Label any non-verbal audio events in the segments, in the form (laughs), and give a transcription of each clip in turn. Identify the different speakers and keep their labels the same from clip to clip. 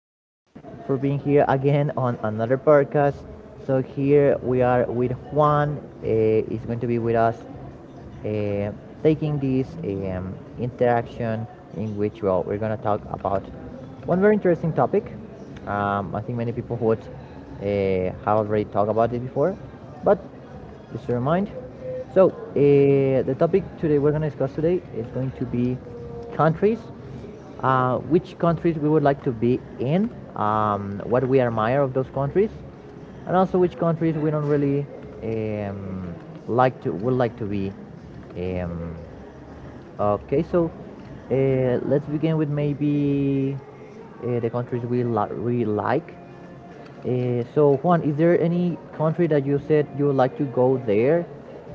Speaker 1: Thank you for being here again on another podcast. Here we are with Juan. He's going to be with us uh, taking this interaction in which we're going to talk about one very interesting topic. I think many people would have already talked about it before, but just to remind. The topic today we're going to discuss today is going to be countries. Which countries we would like to be in, what we admire of those countries, and also which countries we don't really um, like to would like to be. Um, okay, so let's begin with maybe the countries we like. So Juan, is there any country that you said you would like to go there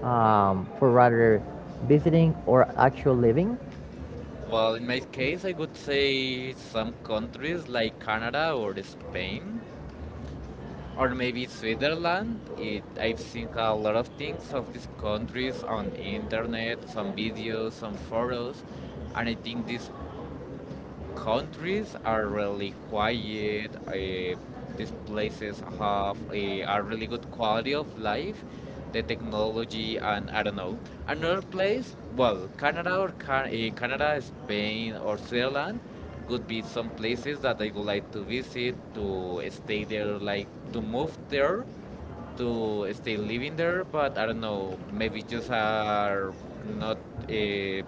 Speaker 1: for rather visiting or actual living?
Speaker 2: Well, in my case, I would say some countries like Canada or Spain, or maybe Switzerland. I've seen a lot of things of these countries on internet, some videos, some photos, and I think these countries are really quiet. These places have a really good quality of life, the technology, and I don't know. Another place, well, Canada, Spain or Switzerland could be some places that I would like to visit, to stay there, like to move there to stay living there, but I don't know, maybe just are not uh,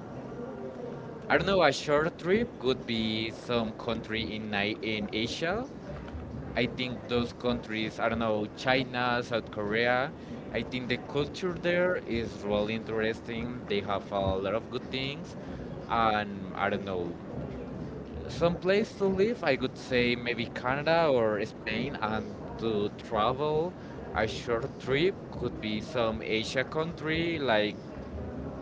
Speaker 2: I don't know, a short trip could be some country in Asia. I think those countries, I don't know, China, South Korea. I think the culture there is really interesting. They have a lot of good things. And I don't know, some place to live, I could say maybe Canada or Spain. And to travel, a short trip could be some Asia country like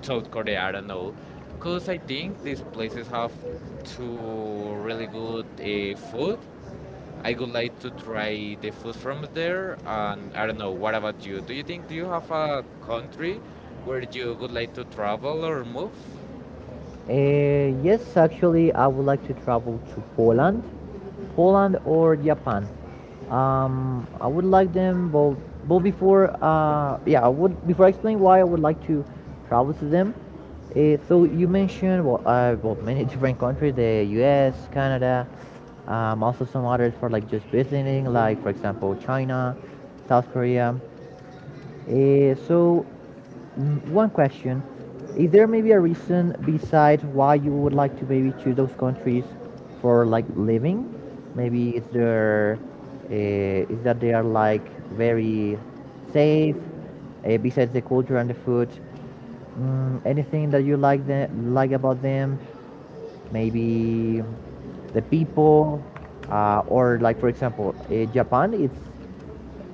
Speaker 2: South Korea, I don't know, because I think these places have two really good food. I would like to try the food from there, and I don't know, what about you? Do you have a country where you would like to travel or move?
Speaker 1: Yes, actually, I would like to travel to Poland, Poland or Japan. I would like them both. But before, I would before I explain why I would like to travel to them. So you mentioned many (laughs) different countries: the U.S., Canada, also some others for like just visiting, like for example, China, South Korea. Eh, so, one question: Is there maybe a reason besides why you would like to maybe choose those countries for like living? Maybe is that they are like very safe? Besides the culture and the food, anything that you like about them? Maybe the people, or like for example, Japan. It's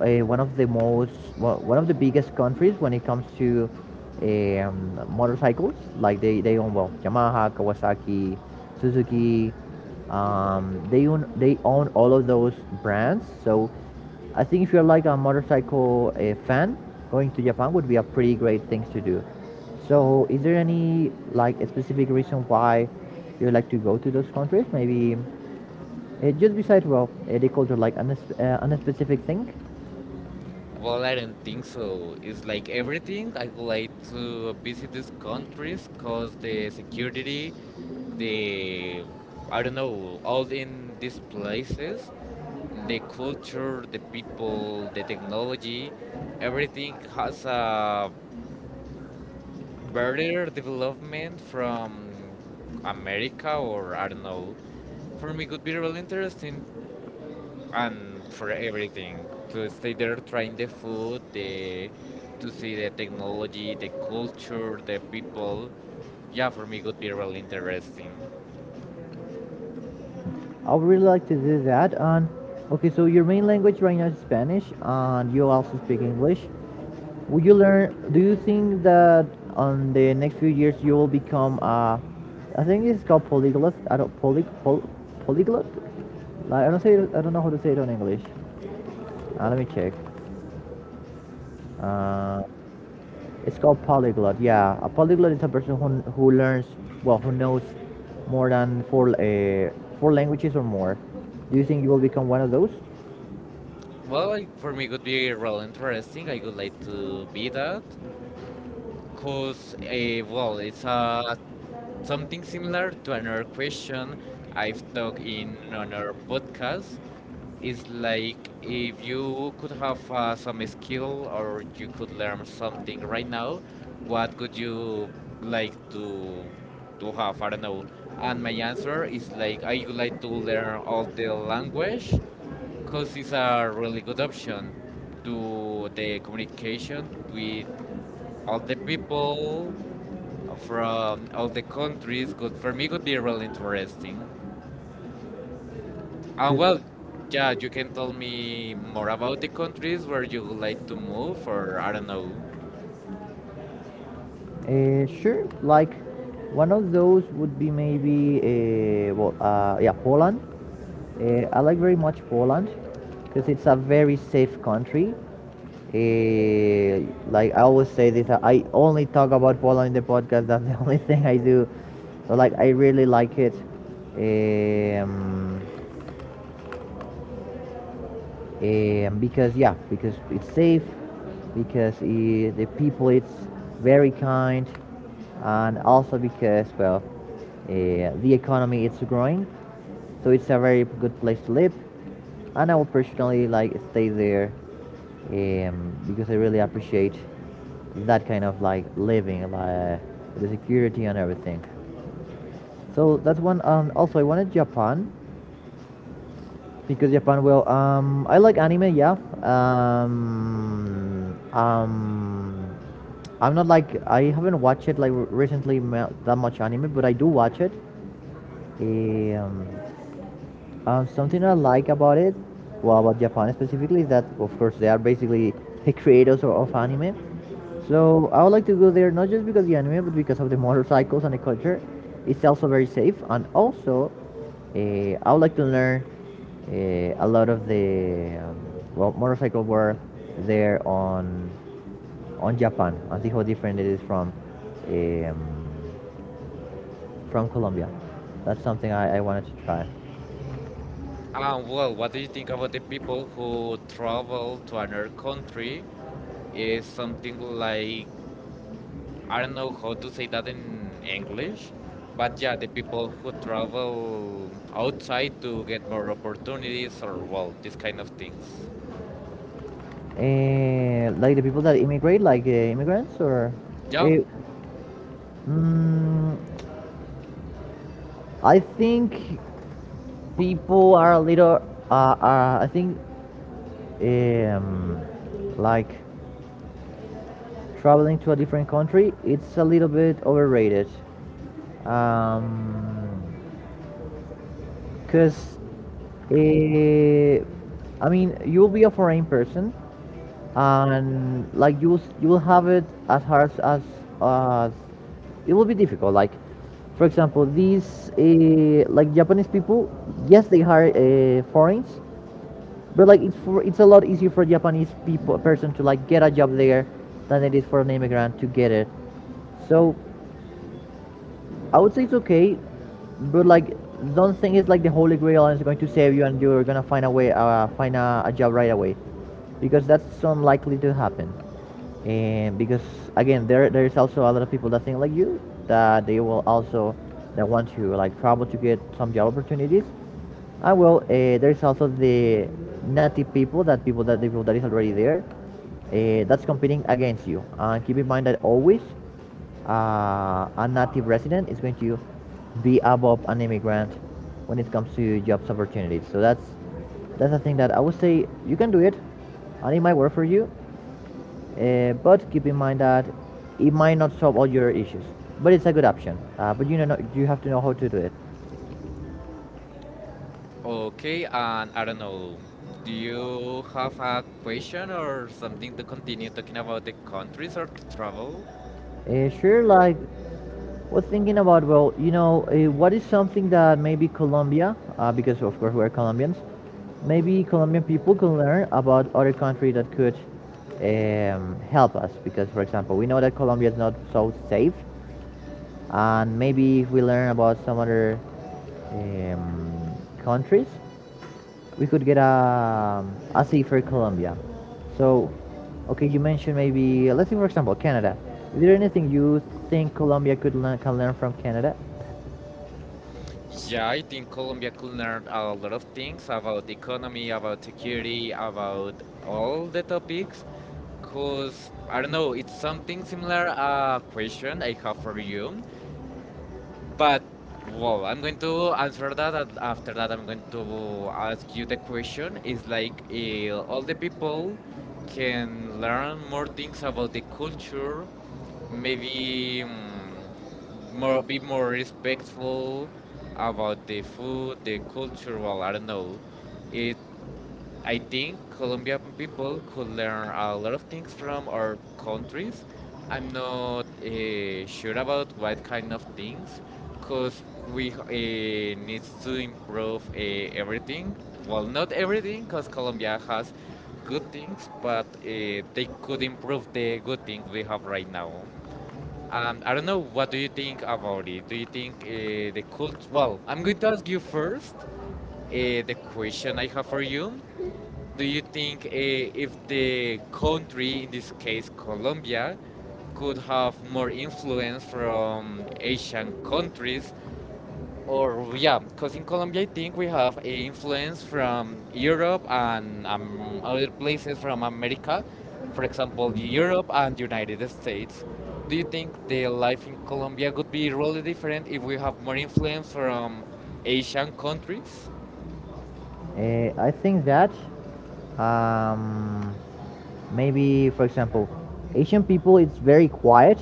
Speaker 1: one of one of the biggest countries when it comes to motorcycles like they own well Yamaha, Kawasaki, Suzuki. They own all of those brands. So I think if you're like a motorcycle fan, going to Japan would be a pretty great thing to do. So is there any like a specific reason why you like to go to those countries, maybe just besides the culture, an specific thing?
Speaker 2: Well, I don't think so. It's like everything. I would like to visit these countries because the security, the, I don't know, all in these places, the culture, the people, the technology, everything has a better development from America or I don't know. For me, it could be really interesting, and for everything to stay there trying the food the to see the technology, the culture, the people. Yeah, for me it would be really interesting.
Speaker 1: I would really like to do that. And okay, so your main language right now is Spanish, and you also speak English. Would you learn? Do you think that on the next few years you will become a? I think it's called polyglot. I don't poly, pol, Polyglot. Like, I don't say. I don't know how to say it on English. Let me check. Uh, it's called polyglot. Yeah, a polyglot is a person who learns well, who knows more than four languages or more. Do you think you will become one of those?
Speaker 2: Well, I, for me it would be really interesting. I would like to be that. Cause well, it's something similar to another question I've talked in another podcast. It's like if you could have some skill or you could learn something right now, what could you like to have? I don't know. And my answer is like I would like to learn all the language because it's a really good option to the communication with all the people from all the countries. Good for me would be really interesting. And well, yeah, you can tell me more about the countries where you would like to move, or I don't know.
Speaker 1: Sure. Like one of those would be maybe Poland. I like very much Poland because it's a very safe country. Uh, like I always say this, I only talk about Poland in the podcast. That's the (laughs) only thing I do. So like I really like it. Um, and because yeah, because it's safe, because the people it's very kind, and also because uh, the economy it's growing, so it's a very good place to live, and I will personally like stay there, because I really appreciate that kind of like living, like the security and everything. So that's one, and also I wanted Japan because Japan well. I like anime, yeah. Um, um, I'm not like I haven't watched it like recently that much anime, but I do watch it. Um, Something I like about it, well, about Japan specifically, is that of course they are basically the creators of anime. So I would like to go there not just because the anime, but because of the motorcycles and the culture. It's also very safe, and also I would like to learn a lot of the motorcycle world there on Japan and see how different it is from eh, um, from Colombia. That's something I wanted to try.
Speaker 2: Well, what do you think about the people who travel to another country? Is something like, I don't know how to say that in English, but yeah, the people who travel outside to get more opportunities, or well, these kind of things.
Speaker 1: Like the people that immigrate, like immigrants, or
Speaker 2: Yeah.
Speaker 1: Eh, mm, I think people are a little. I think um, like traveling to a different country, it's a little bit overrated. Um, Cause uh, I mean, you'll be a foreign person, and like you will have it as hard as as it will be difficult, like for example these like Japanese people. Yes, they hire foreigners, but like it's a lot easier for a japanese people person to like get a job there than it is for an immigrant to get it. So I would say it's okay, but like don't think it's like the holy grail and it's going to save you and you're gonna find a job right away, because that's unlikely to happen. And because again, there is also a lot of people that think like you, that they will also that want to like travel to get some job opportunities. And there is also the people that is already there, that's competing against you. And keep in mind that always a native resident is going to be above an immigrant when it comes to jobs opportunities. So that's a thing that I would say you can do it, and it might work for you. But keep in mind that it might not solve all your issues, but it's a good option. But you know, no, you have to know how to do it.
Speaker 2: Okay, and I don't know, do you have a question or something to continue talking about the countries or the travel?
Speaker 1: Sure, like was thinking about what is something that maybe Colombia, because of course we're Colombians, maybe Colombian people can learn about other country that could help us. Because for example, we know that Colombia is not so safe, and maybe if we learn about some other um, countries, we could get a safer Colombia. So, okay, you mentioned maybe let's say for example Canada. Is there anything you think Colombia can learn from Canada?
Speaker 2: Yeah, I think Colombia could learn a lot of things about economy, about security, about all the topics. Cause I don't know, it's something similar a question I have for you. But well, I'm going to answer that, and after that, I'm going to ask you the question. Is like, all the people can learn more things about the culture, maybe more, be more respectful about the food, the culture. Well, I don't know. It, I think Colombian people could learn a lot of things from our countries. I'm not sure about what kind of things, because we need to improve everything. Well, not everything, because Colombia has good things, but they could improve the good things we have right now. I don't know. What do you think about it? Do you think the cult? Well, I'm going to ask you first the question I have for you. Do you think if the country, in this case Colombia, could have more influence from Asian countries? Or, yeah, because in Colombia, I think we have a influence from Europe and other places from America, for example, Europe and United States. Do you think the life in Colombia could be really different if we have more influence from Asian countries?
Speaker 1: I think that um, maybe, for example, Asian people, it's very quiet.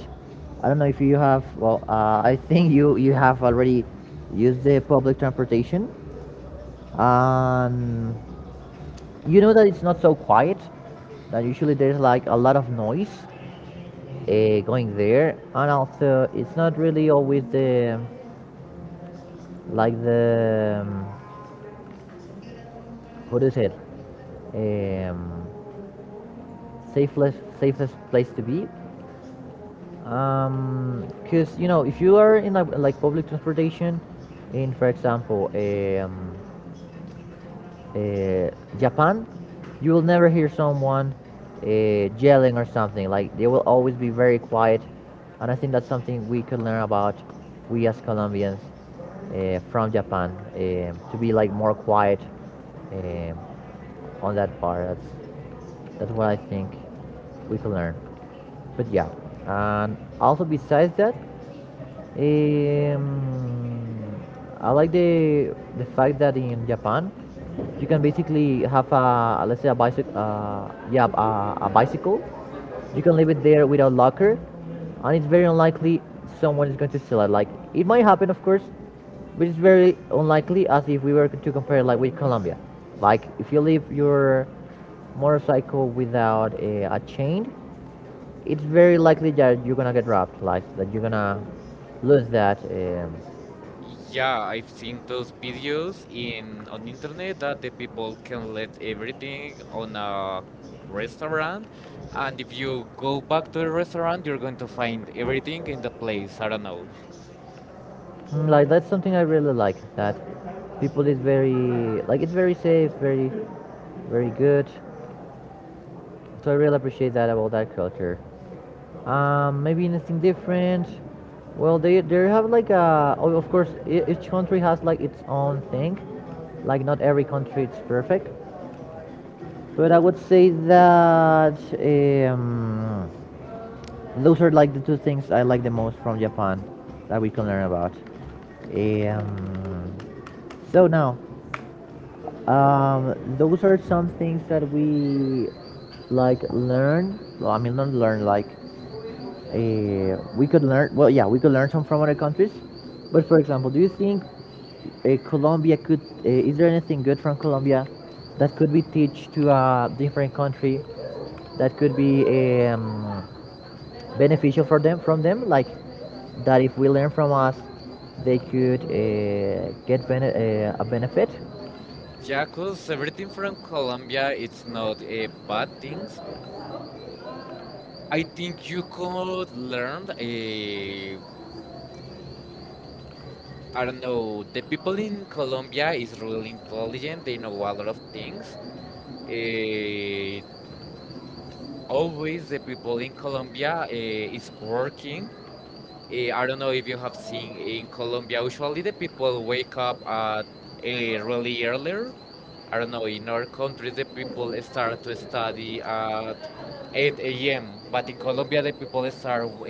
Speaker 1: I don't know if you have. I think you have already used the public transportation, and you know that it's not so quiet. That usually there's like a lot of noise going there, and also it's not really always the like the how it? Um, safest safest place to be because um, you know if you are in like public transportation in for example a uh, Japan, you will never hear someone yelling or something. Like they will always be very quiet, and I think that's something we could learn about, we as Colombians from Japan, to be like more quiet um on that part. That's what I think we could learn. But yeah, and also besides that, um, I like the fact that in Japan, you can basically have a let's say a bicycle, a bicycle. You can leave it there without locker, and it's very unlikely someone is going to steal it. Like it might happen, of course, but it's very unlikely. As if we were to compare like with Colombia, like if you leave your motorcycle without a chain, it's very likely that you're gonna get robbed, like that you're gonna lose that.
Speaker 2: Yeah, I've seen those videos in on internet that the people can let everything on a restaurant, and if you go back to the restaurant, you're going to find everything in the place. I don't know.
Speaker 1: Like that's something I really like. That people is very like it's very safe, very, very good. So I really appreciate that about that culture. Maybe anything different. Well, they have like a oh, of course each country has like its own thing. Like not every country it's perfect, but I would say that. Um, Those are like the two things I like the most from Japan that we can learn about. Um, so now, those are some things that we like learn. Well, I mean, not learn like we could learn. Well, yeah, we could learn some from other countries. But for example, do you think Colombia could? Is there anything good from Colombia that could be teach to a different country? That could be um, beneficial for them from them like that if we learn from us they could a benefit?
Speaker 2: Yeah, 'cause everything from Colombia, it's not a bad things. I think you could learn a. I don't know. The people in Colombia is really intelligent. They know a lot of things. Uh, Always the people in Colombia is working. I don't know if you have seen in Colombia. Usually, the people wake up at really earlier. I don't know. In our country, the people start to study at 8 a.m. But in Colombia, the people start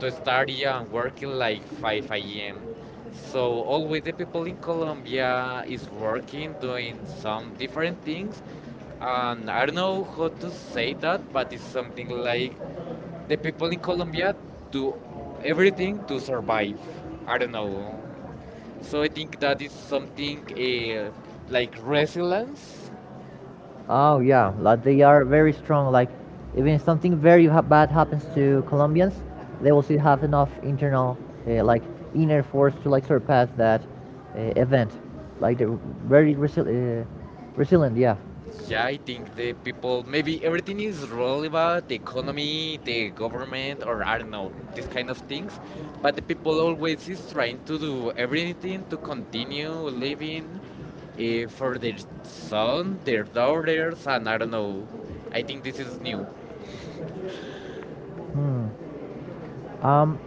Speaker 2: to study and working like 5 a.m. So always the people in Colombia is working, doing some different things. And I don't know how to say that, but it's something like the people in Colombia do everything to survive. I don't know. So I think that is something like resilience.
Speaker 1: Oh yeah, like they are very strong, like even if something bad happens to Colombians, they will still have enough internal uh, like inner force to like surpass that event. Like they're very resi- uh, resilient, yeah.
Speaker 2: Yeah, I think the people, maybe everything is really about the economy, the government, or I don't know, these kind of things. But the people always is trying to do everything to continue living for their son, their daughters, and I don't know. I think this is new.
Speaker 1: Hmm. Um,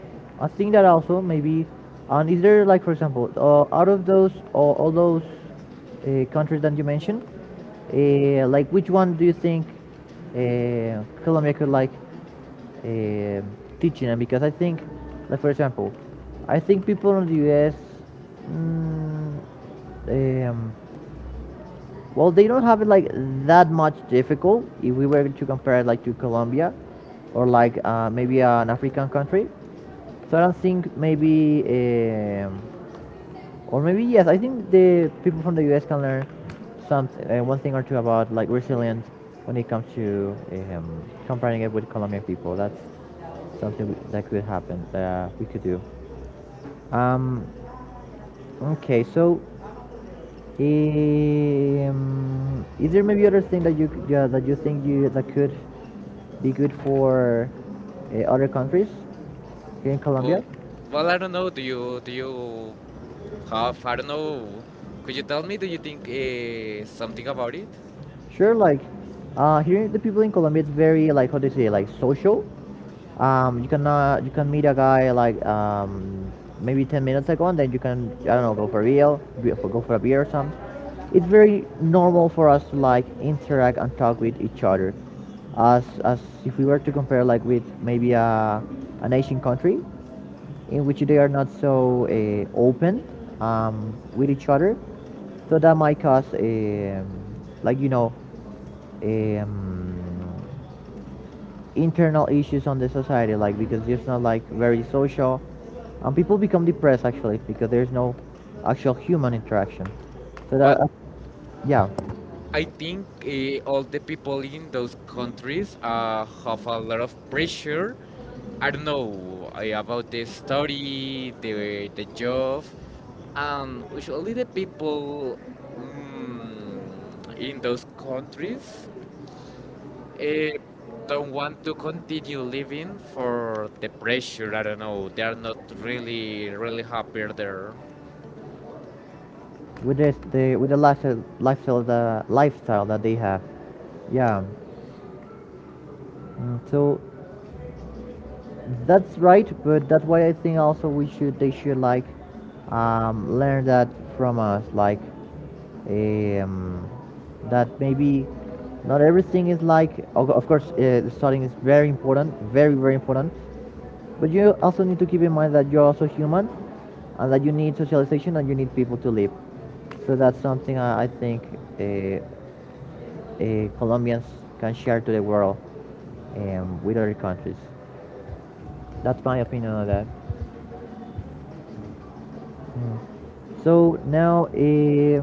Speaker 1: I think that also maybe, and is there like for example, out of those or all those countries that you mentioned, like which one do you think Colombia could like uh, teach in? And because I think, like for example, I think people in the U.S. Mm, um, well, they don't have it like that much difficult if we were to compare it like to Colombia or like maybe an African country. So I don't think maybe, or maybe yes, I think the people from the U.S. can learn some one thing or two about like resilience when it comes to comparing it with Colombian people. That's something that could happen that we could do. Um, okay, so is there maybe other thing that you yeah, that you think you that could be good for other countries here in Colombia?
Speaker 2: Well, well, I don't know. Do you have? I don't know. Could you tell me? Do you think something about it?
Speaker 1: Sure, like here the people in Colombia, it's very like how they say like social. You can you can meet a guy like maybe 10 minutes ago, and then you can, I don't know, go for a beer, or something. It's very normal for us to like interact and talk with each other, as if we were to compare like with maybe a an Asian country, in which they are not so open with each other, so that might cause like you know um, internal issues on the society, like because it's not like very social, and people become depressed actually because there's no actual human interaction. So that,
Speaker 2: But
Speaker 1: yeah,
Speaker 2: I think all the people in those countries have a lot of pressure. I don't know about the study, the job. Usually the people mm, in those countries uh, don't want to continue living for the pressure. I don't know. They are not really really happy there.
Speaker 1: with this the with the lifestyle lifestyle the lifestyle that they have, yeah. So that's right, but that's why I think also we should they should like learn that from us, like um, that maybe not everything is like of course the starting is very important, very important, but you also need to keep in mind that you're also human and that you need socialization and you need people to live. So that's something I think uh, Colombians can share to the world, with other countries. That's my opinion on that. So now,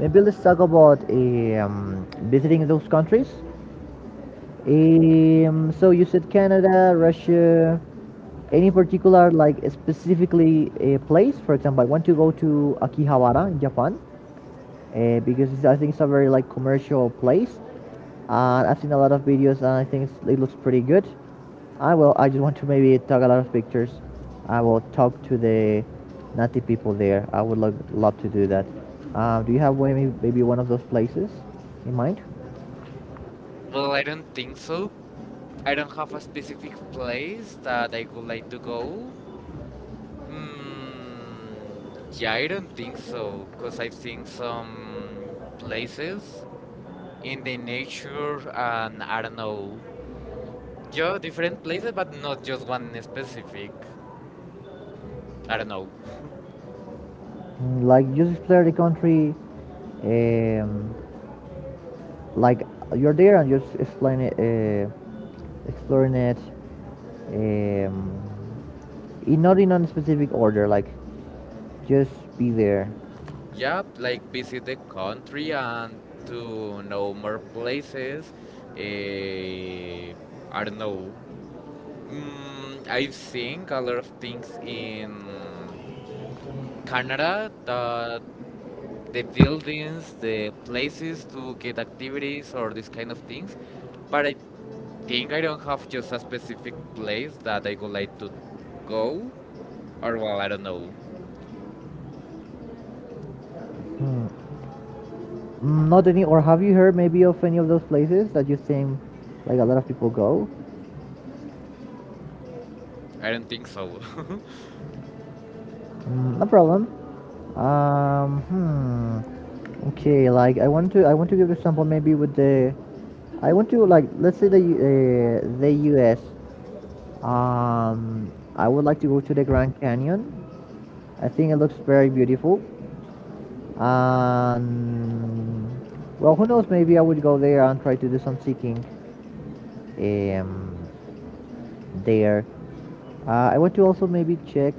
Speaker 1: maybe let's talk about visiting those countries. So you said Canada, Russia. Any particular, like specifically a place? For example, I want to go to Akihabara in Japan because I think it's a very like commercial place. I've seen a lot of videos and I think it looks pretty good. I will. I just want to maybe take a lot of pictures. I will talk to the native people there. I would love to do that. Do you have one, maybe one of those places in mind?
Speaker 2: Well, I don't think so, I don't have a specific place that I would like to go. Mm, yeah, I don't think so, because I've seen some places in the nature and I don't know. Yeah, different places, but not just one specific. I don't know. (laughs)
Speaker 1: Like just explore the country, um, like you're there and just explain it, exploring it, um, in, not in a specific order. Like just be there.
Speaker 2: Yeah, like visit the country and to know more places. Eh, I don't know. I've seen a lot of things in Canada that the buildings, the places to get activities or these kind of things. But I think I don't have just a specific place that I would like to go. Or well, I don't know.
Speaker 1: Not any, or have you heard maybe of any of those places that you think like a lot of people go?
Speaker 2: I don't think so.
Speaker 1: No problem. Um, hmm. Okay, like I want to give example maybe with I want to, like, let's say the U.S. Um, I would like to go to the Grand Canyon. I think it looks very beautiful. And well, who knows? Maybe I would go there and try to do some seeking. Um, there. I want to also maybe check.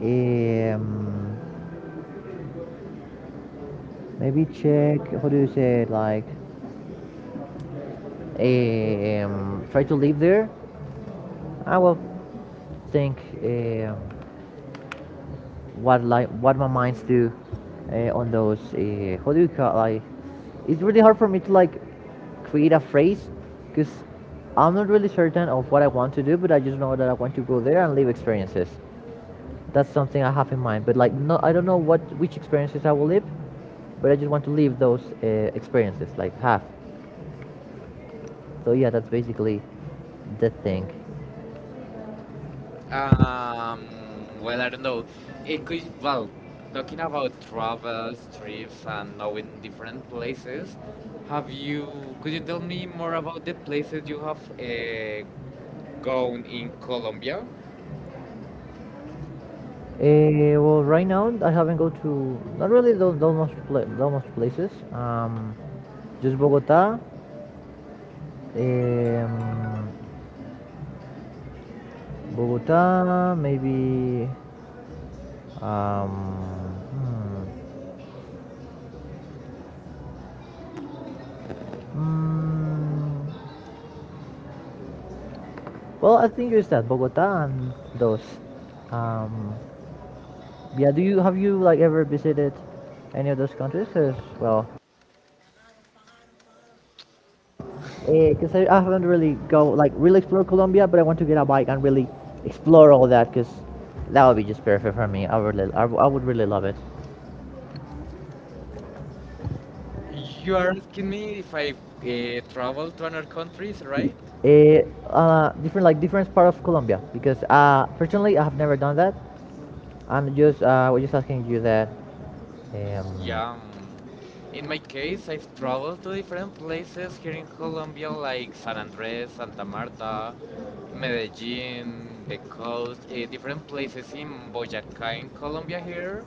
Speaker 1: Um, Maybe check, how do you say it, like, try to live there. I will think um what, like what my minds do on those. How do you call like? It's really hard for me to like create a phrase because I'm not really certain of what I want to do, but I just know that I want to go there and live experiences. That's something I have in mind, but like, no, I don't know what, which experiences I will live, but I just want to live those experiences, like have. So yeah, that's basically the thing.
Speaker 2: (laughs) um, well, I don't know. It could well talking about travels, trips, and knowing different places. Have you? Could you tell me more about the places you have gone in Colombia?
Speaker 1: Well, right now I haven't go to not really those much those much places. Just Bogota, um, Bogota, maybe. Um, hmm, mm, well, I think it's that Bogota and those. Um, yeah, do you have you like ever visited any of those countries? 'Cause, well, because I haven't really go like really explore Colombia, but I want to get a bike and really explore all that because that would be just perfect for me. I would really, I would really love it.
Speaker 2: You are asking me if I travel to other countries, right?
Speaker 1: Eh, Different, like different part of Colombia because personally I have never done that. I'm just we're just asking you that. Um,
Speaker 2: Yeah. Mm. In my case, I've traveled to different places here in Colombia, like San Andres, Santa Marta, Medellin, the coast, different places in Boyacá, in Colombia, here,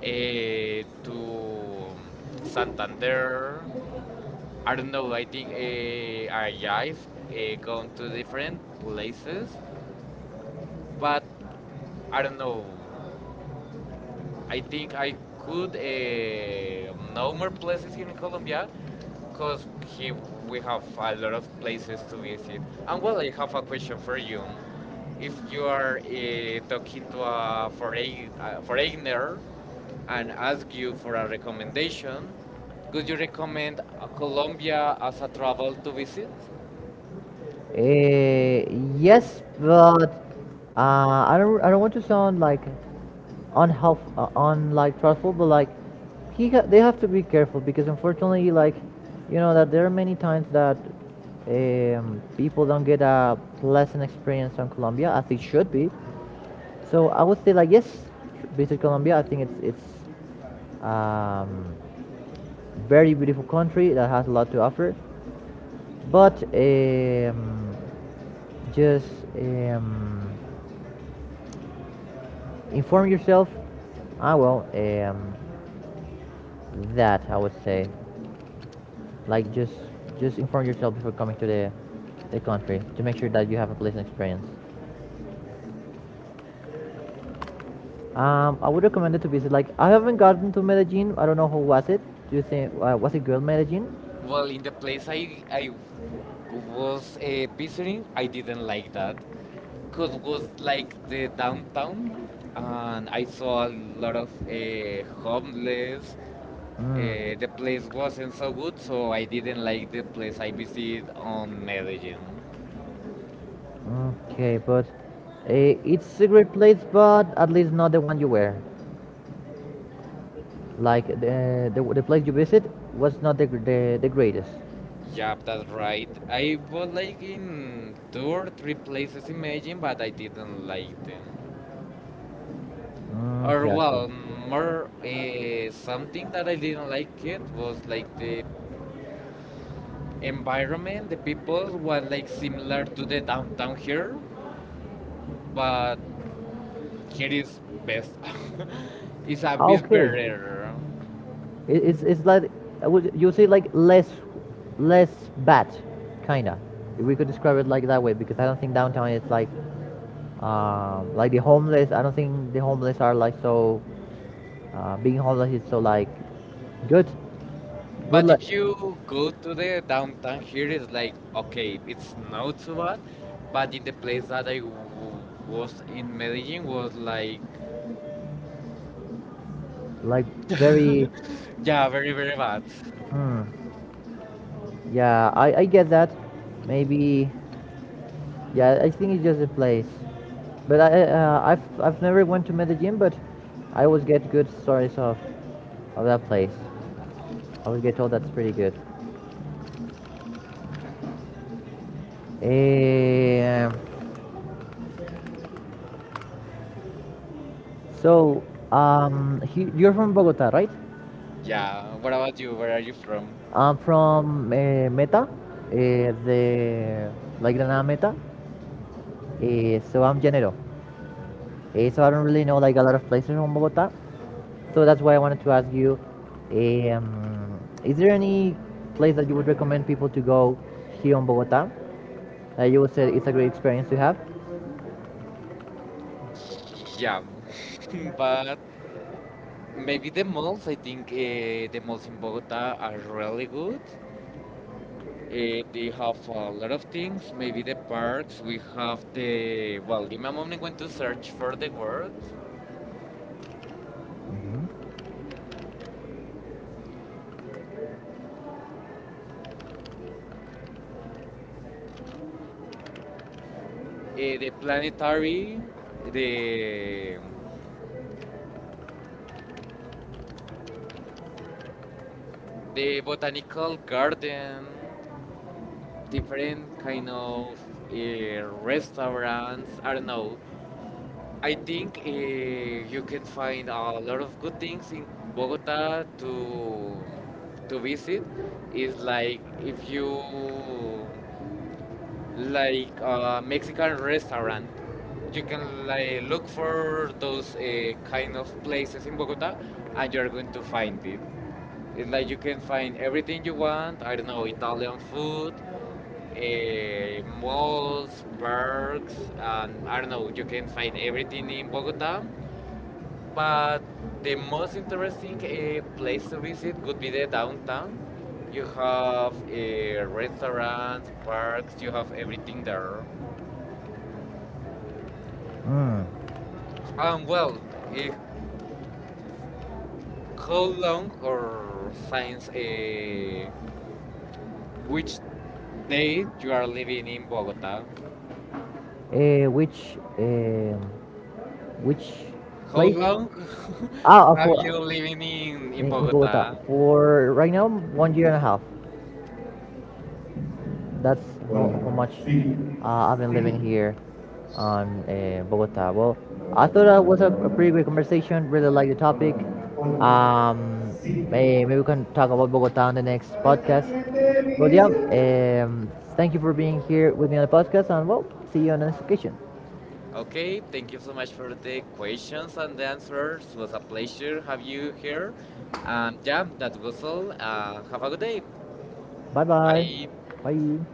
Speaker 2: uh, to mm, Santander. I don't know, I think I've gone to different places, but I don't know. I think I could know more places in Colombia because he we have a lot of places to visit. And well, I have a question for you. If you are talking to a foreigner and ask you for a recommendation, could you recommend Colombia as a travel to visit?
Speaker 1: Eh, yes, but I don't want to sound like un, like trustful, but like they have to be careful because unfortunately, like you know that there are many times that people don't get a pleasant experience on Colombia as it should be. So I would say like yes, visit Colombia. I think it's um, very beautiful country that has a lot to offer. But just um, inform yourself. Ah, well, um, that I would say, like just inform yourself before coming to the country to make sure that you have a pleasant experience. I would recommend it to visit. Like I haven't gotten to Medellin. I don't know who was it. Do you think was it girl Medellin?
Speaker 2: Well, in the place I was visiting, I didn't like that. Cause it was like the downtown, and I saw a lot of homeless. The
Speaker 1: Mm.
Speaker 2: place wasn't so good, so I didn't like the place I visited on Medellin.
Speaker 1: Okay, but it's a great place, but at least not the one you were. Like the place you visit was not the greatest.
Speaker 2: Yep, that's right. I was like in two or three places in Medellin, but I didn't like them.
Speaker 1: Mm,
Speaker 2: Or
Speaker 1: gotcha.
Speaker 2: well, more something that I didn't like, it was like the environment. The people were like similar to the downtown here, but here is best. (laughs) It's a bit
Speaker 1: Okay,
Speaker 2: better.
Speaker 1: it's like, I would you say like less less bad, kinda. If we could describe it like that way, because I don't think downtown is like the homeless. I don't think the homeless are like so being homeless is so like good. Good
Speaker 2: But
Speaker 1: luck.
Speaker 2: if you go to the downtown here, it's like, okay, it's not too bad. But in the place that was in Medellin was like,
Speaker 1: Like very
Speaker 2: yeah, very, very bad.
Speaker 1: hmm, yeah, I get that maybe, yeah, I think it's just a place, but I've never went to medellin, but I always get good stories of that place. I always get told that's pretty good. um, So, you're from Bogota, right?
Speaker 2: Yeah, what about you? Where are you from?
Speaker 1: I'm from Meta, the like Granada Meta. So I'm Janero. So I don't really know like a lot of places from Bogota. So that's why I wanted to ask you, is there any place that you would recommend people to go here in Bogota that you would say it's a great experience to have?
Speaker 2: Yeah, (laughs) but maybe the malls, I think the malls in Bogota are really good. They have a lot of things. Maybe the parks. We have the well. Give me a moment. I'm going to search for the word. The planetary, the the botanical garden, different kind of restaurants. I don't know. I think you can find a lot of good things in Bogota to visit. It's like if you like a Mexican restaurant. You can like look for those kind of places in Bogota, and you're going to find it. It's like you can find everything you want. I don't know Italian food, malls, parks, and I don't know. You can find everything in Bogota, but the most interesting place to visit would be the downtown. You have restaurants, parks, you have everything there. Well, uh, how long or since which day you are living in Bogota?
Speaker 1: Uh, which um, which
Speaker 2: How
Speaker 1: place? How
Speaker 2: long (laughs) have you
Speaker 1: For
Speaker 2: living in
Speaker 1: in Bogota
Speaker 2: Bogota?
Speaker 1: for right now 1 year and a half. That's how much I've been living here on Bogota. Well, I thought that was a pretty great conversation. Really like the topic. Um, Maybe we can talk about Bogota on the next podcast. But yeah, thank you for being here with me on the podcast, and well, see you on the next occasion.
Speaker 2: Okay, thank you so much for the questions and the answers. It was a pleasure have you here. Yeah, that was all. Have a good day.
Speaker 1: Bye bye.
Speaker 2: Bye.
Speaker 1: Bye.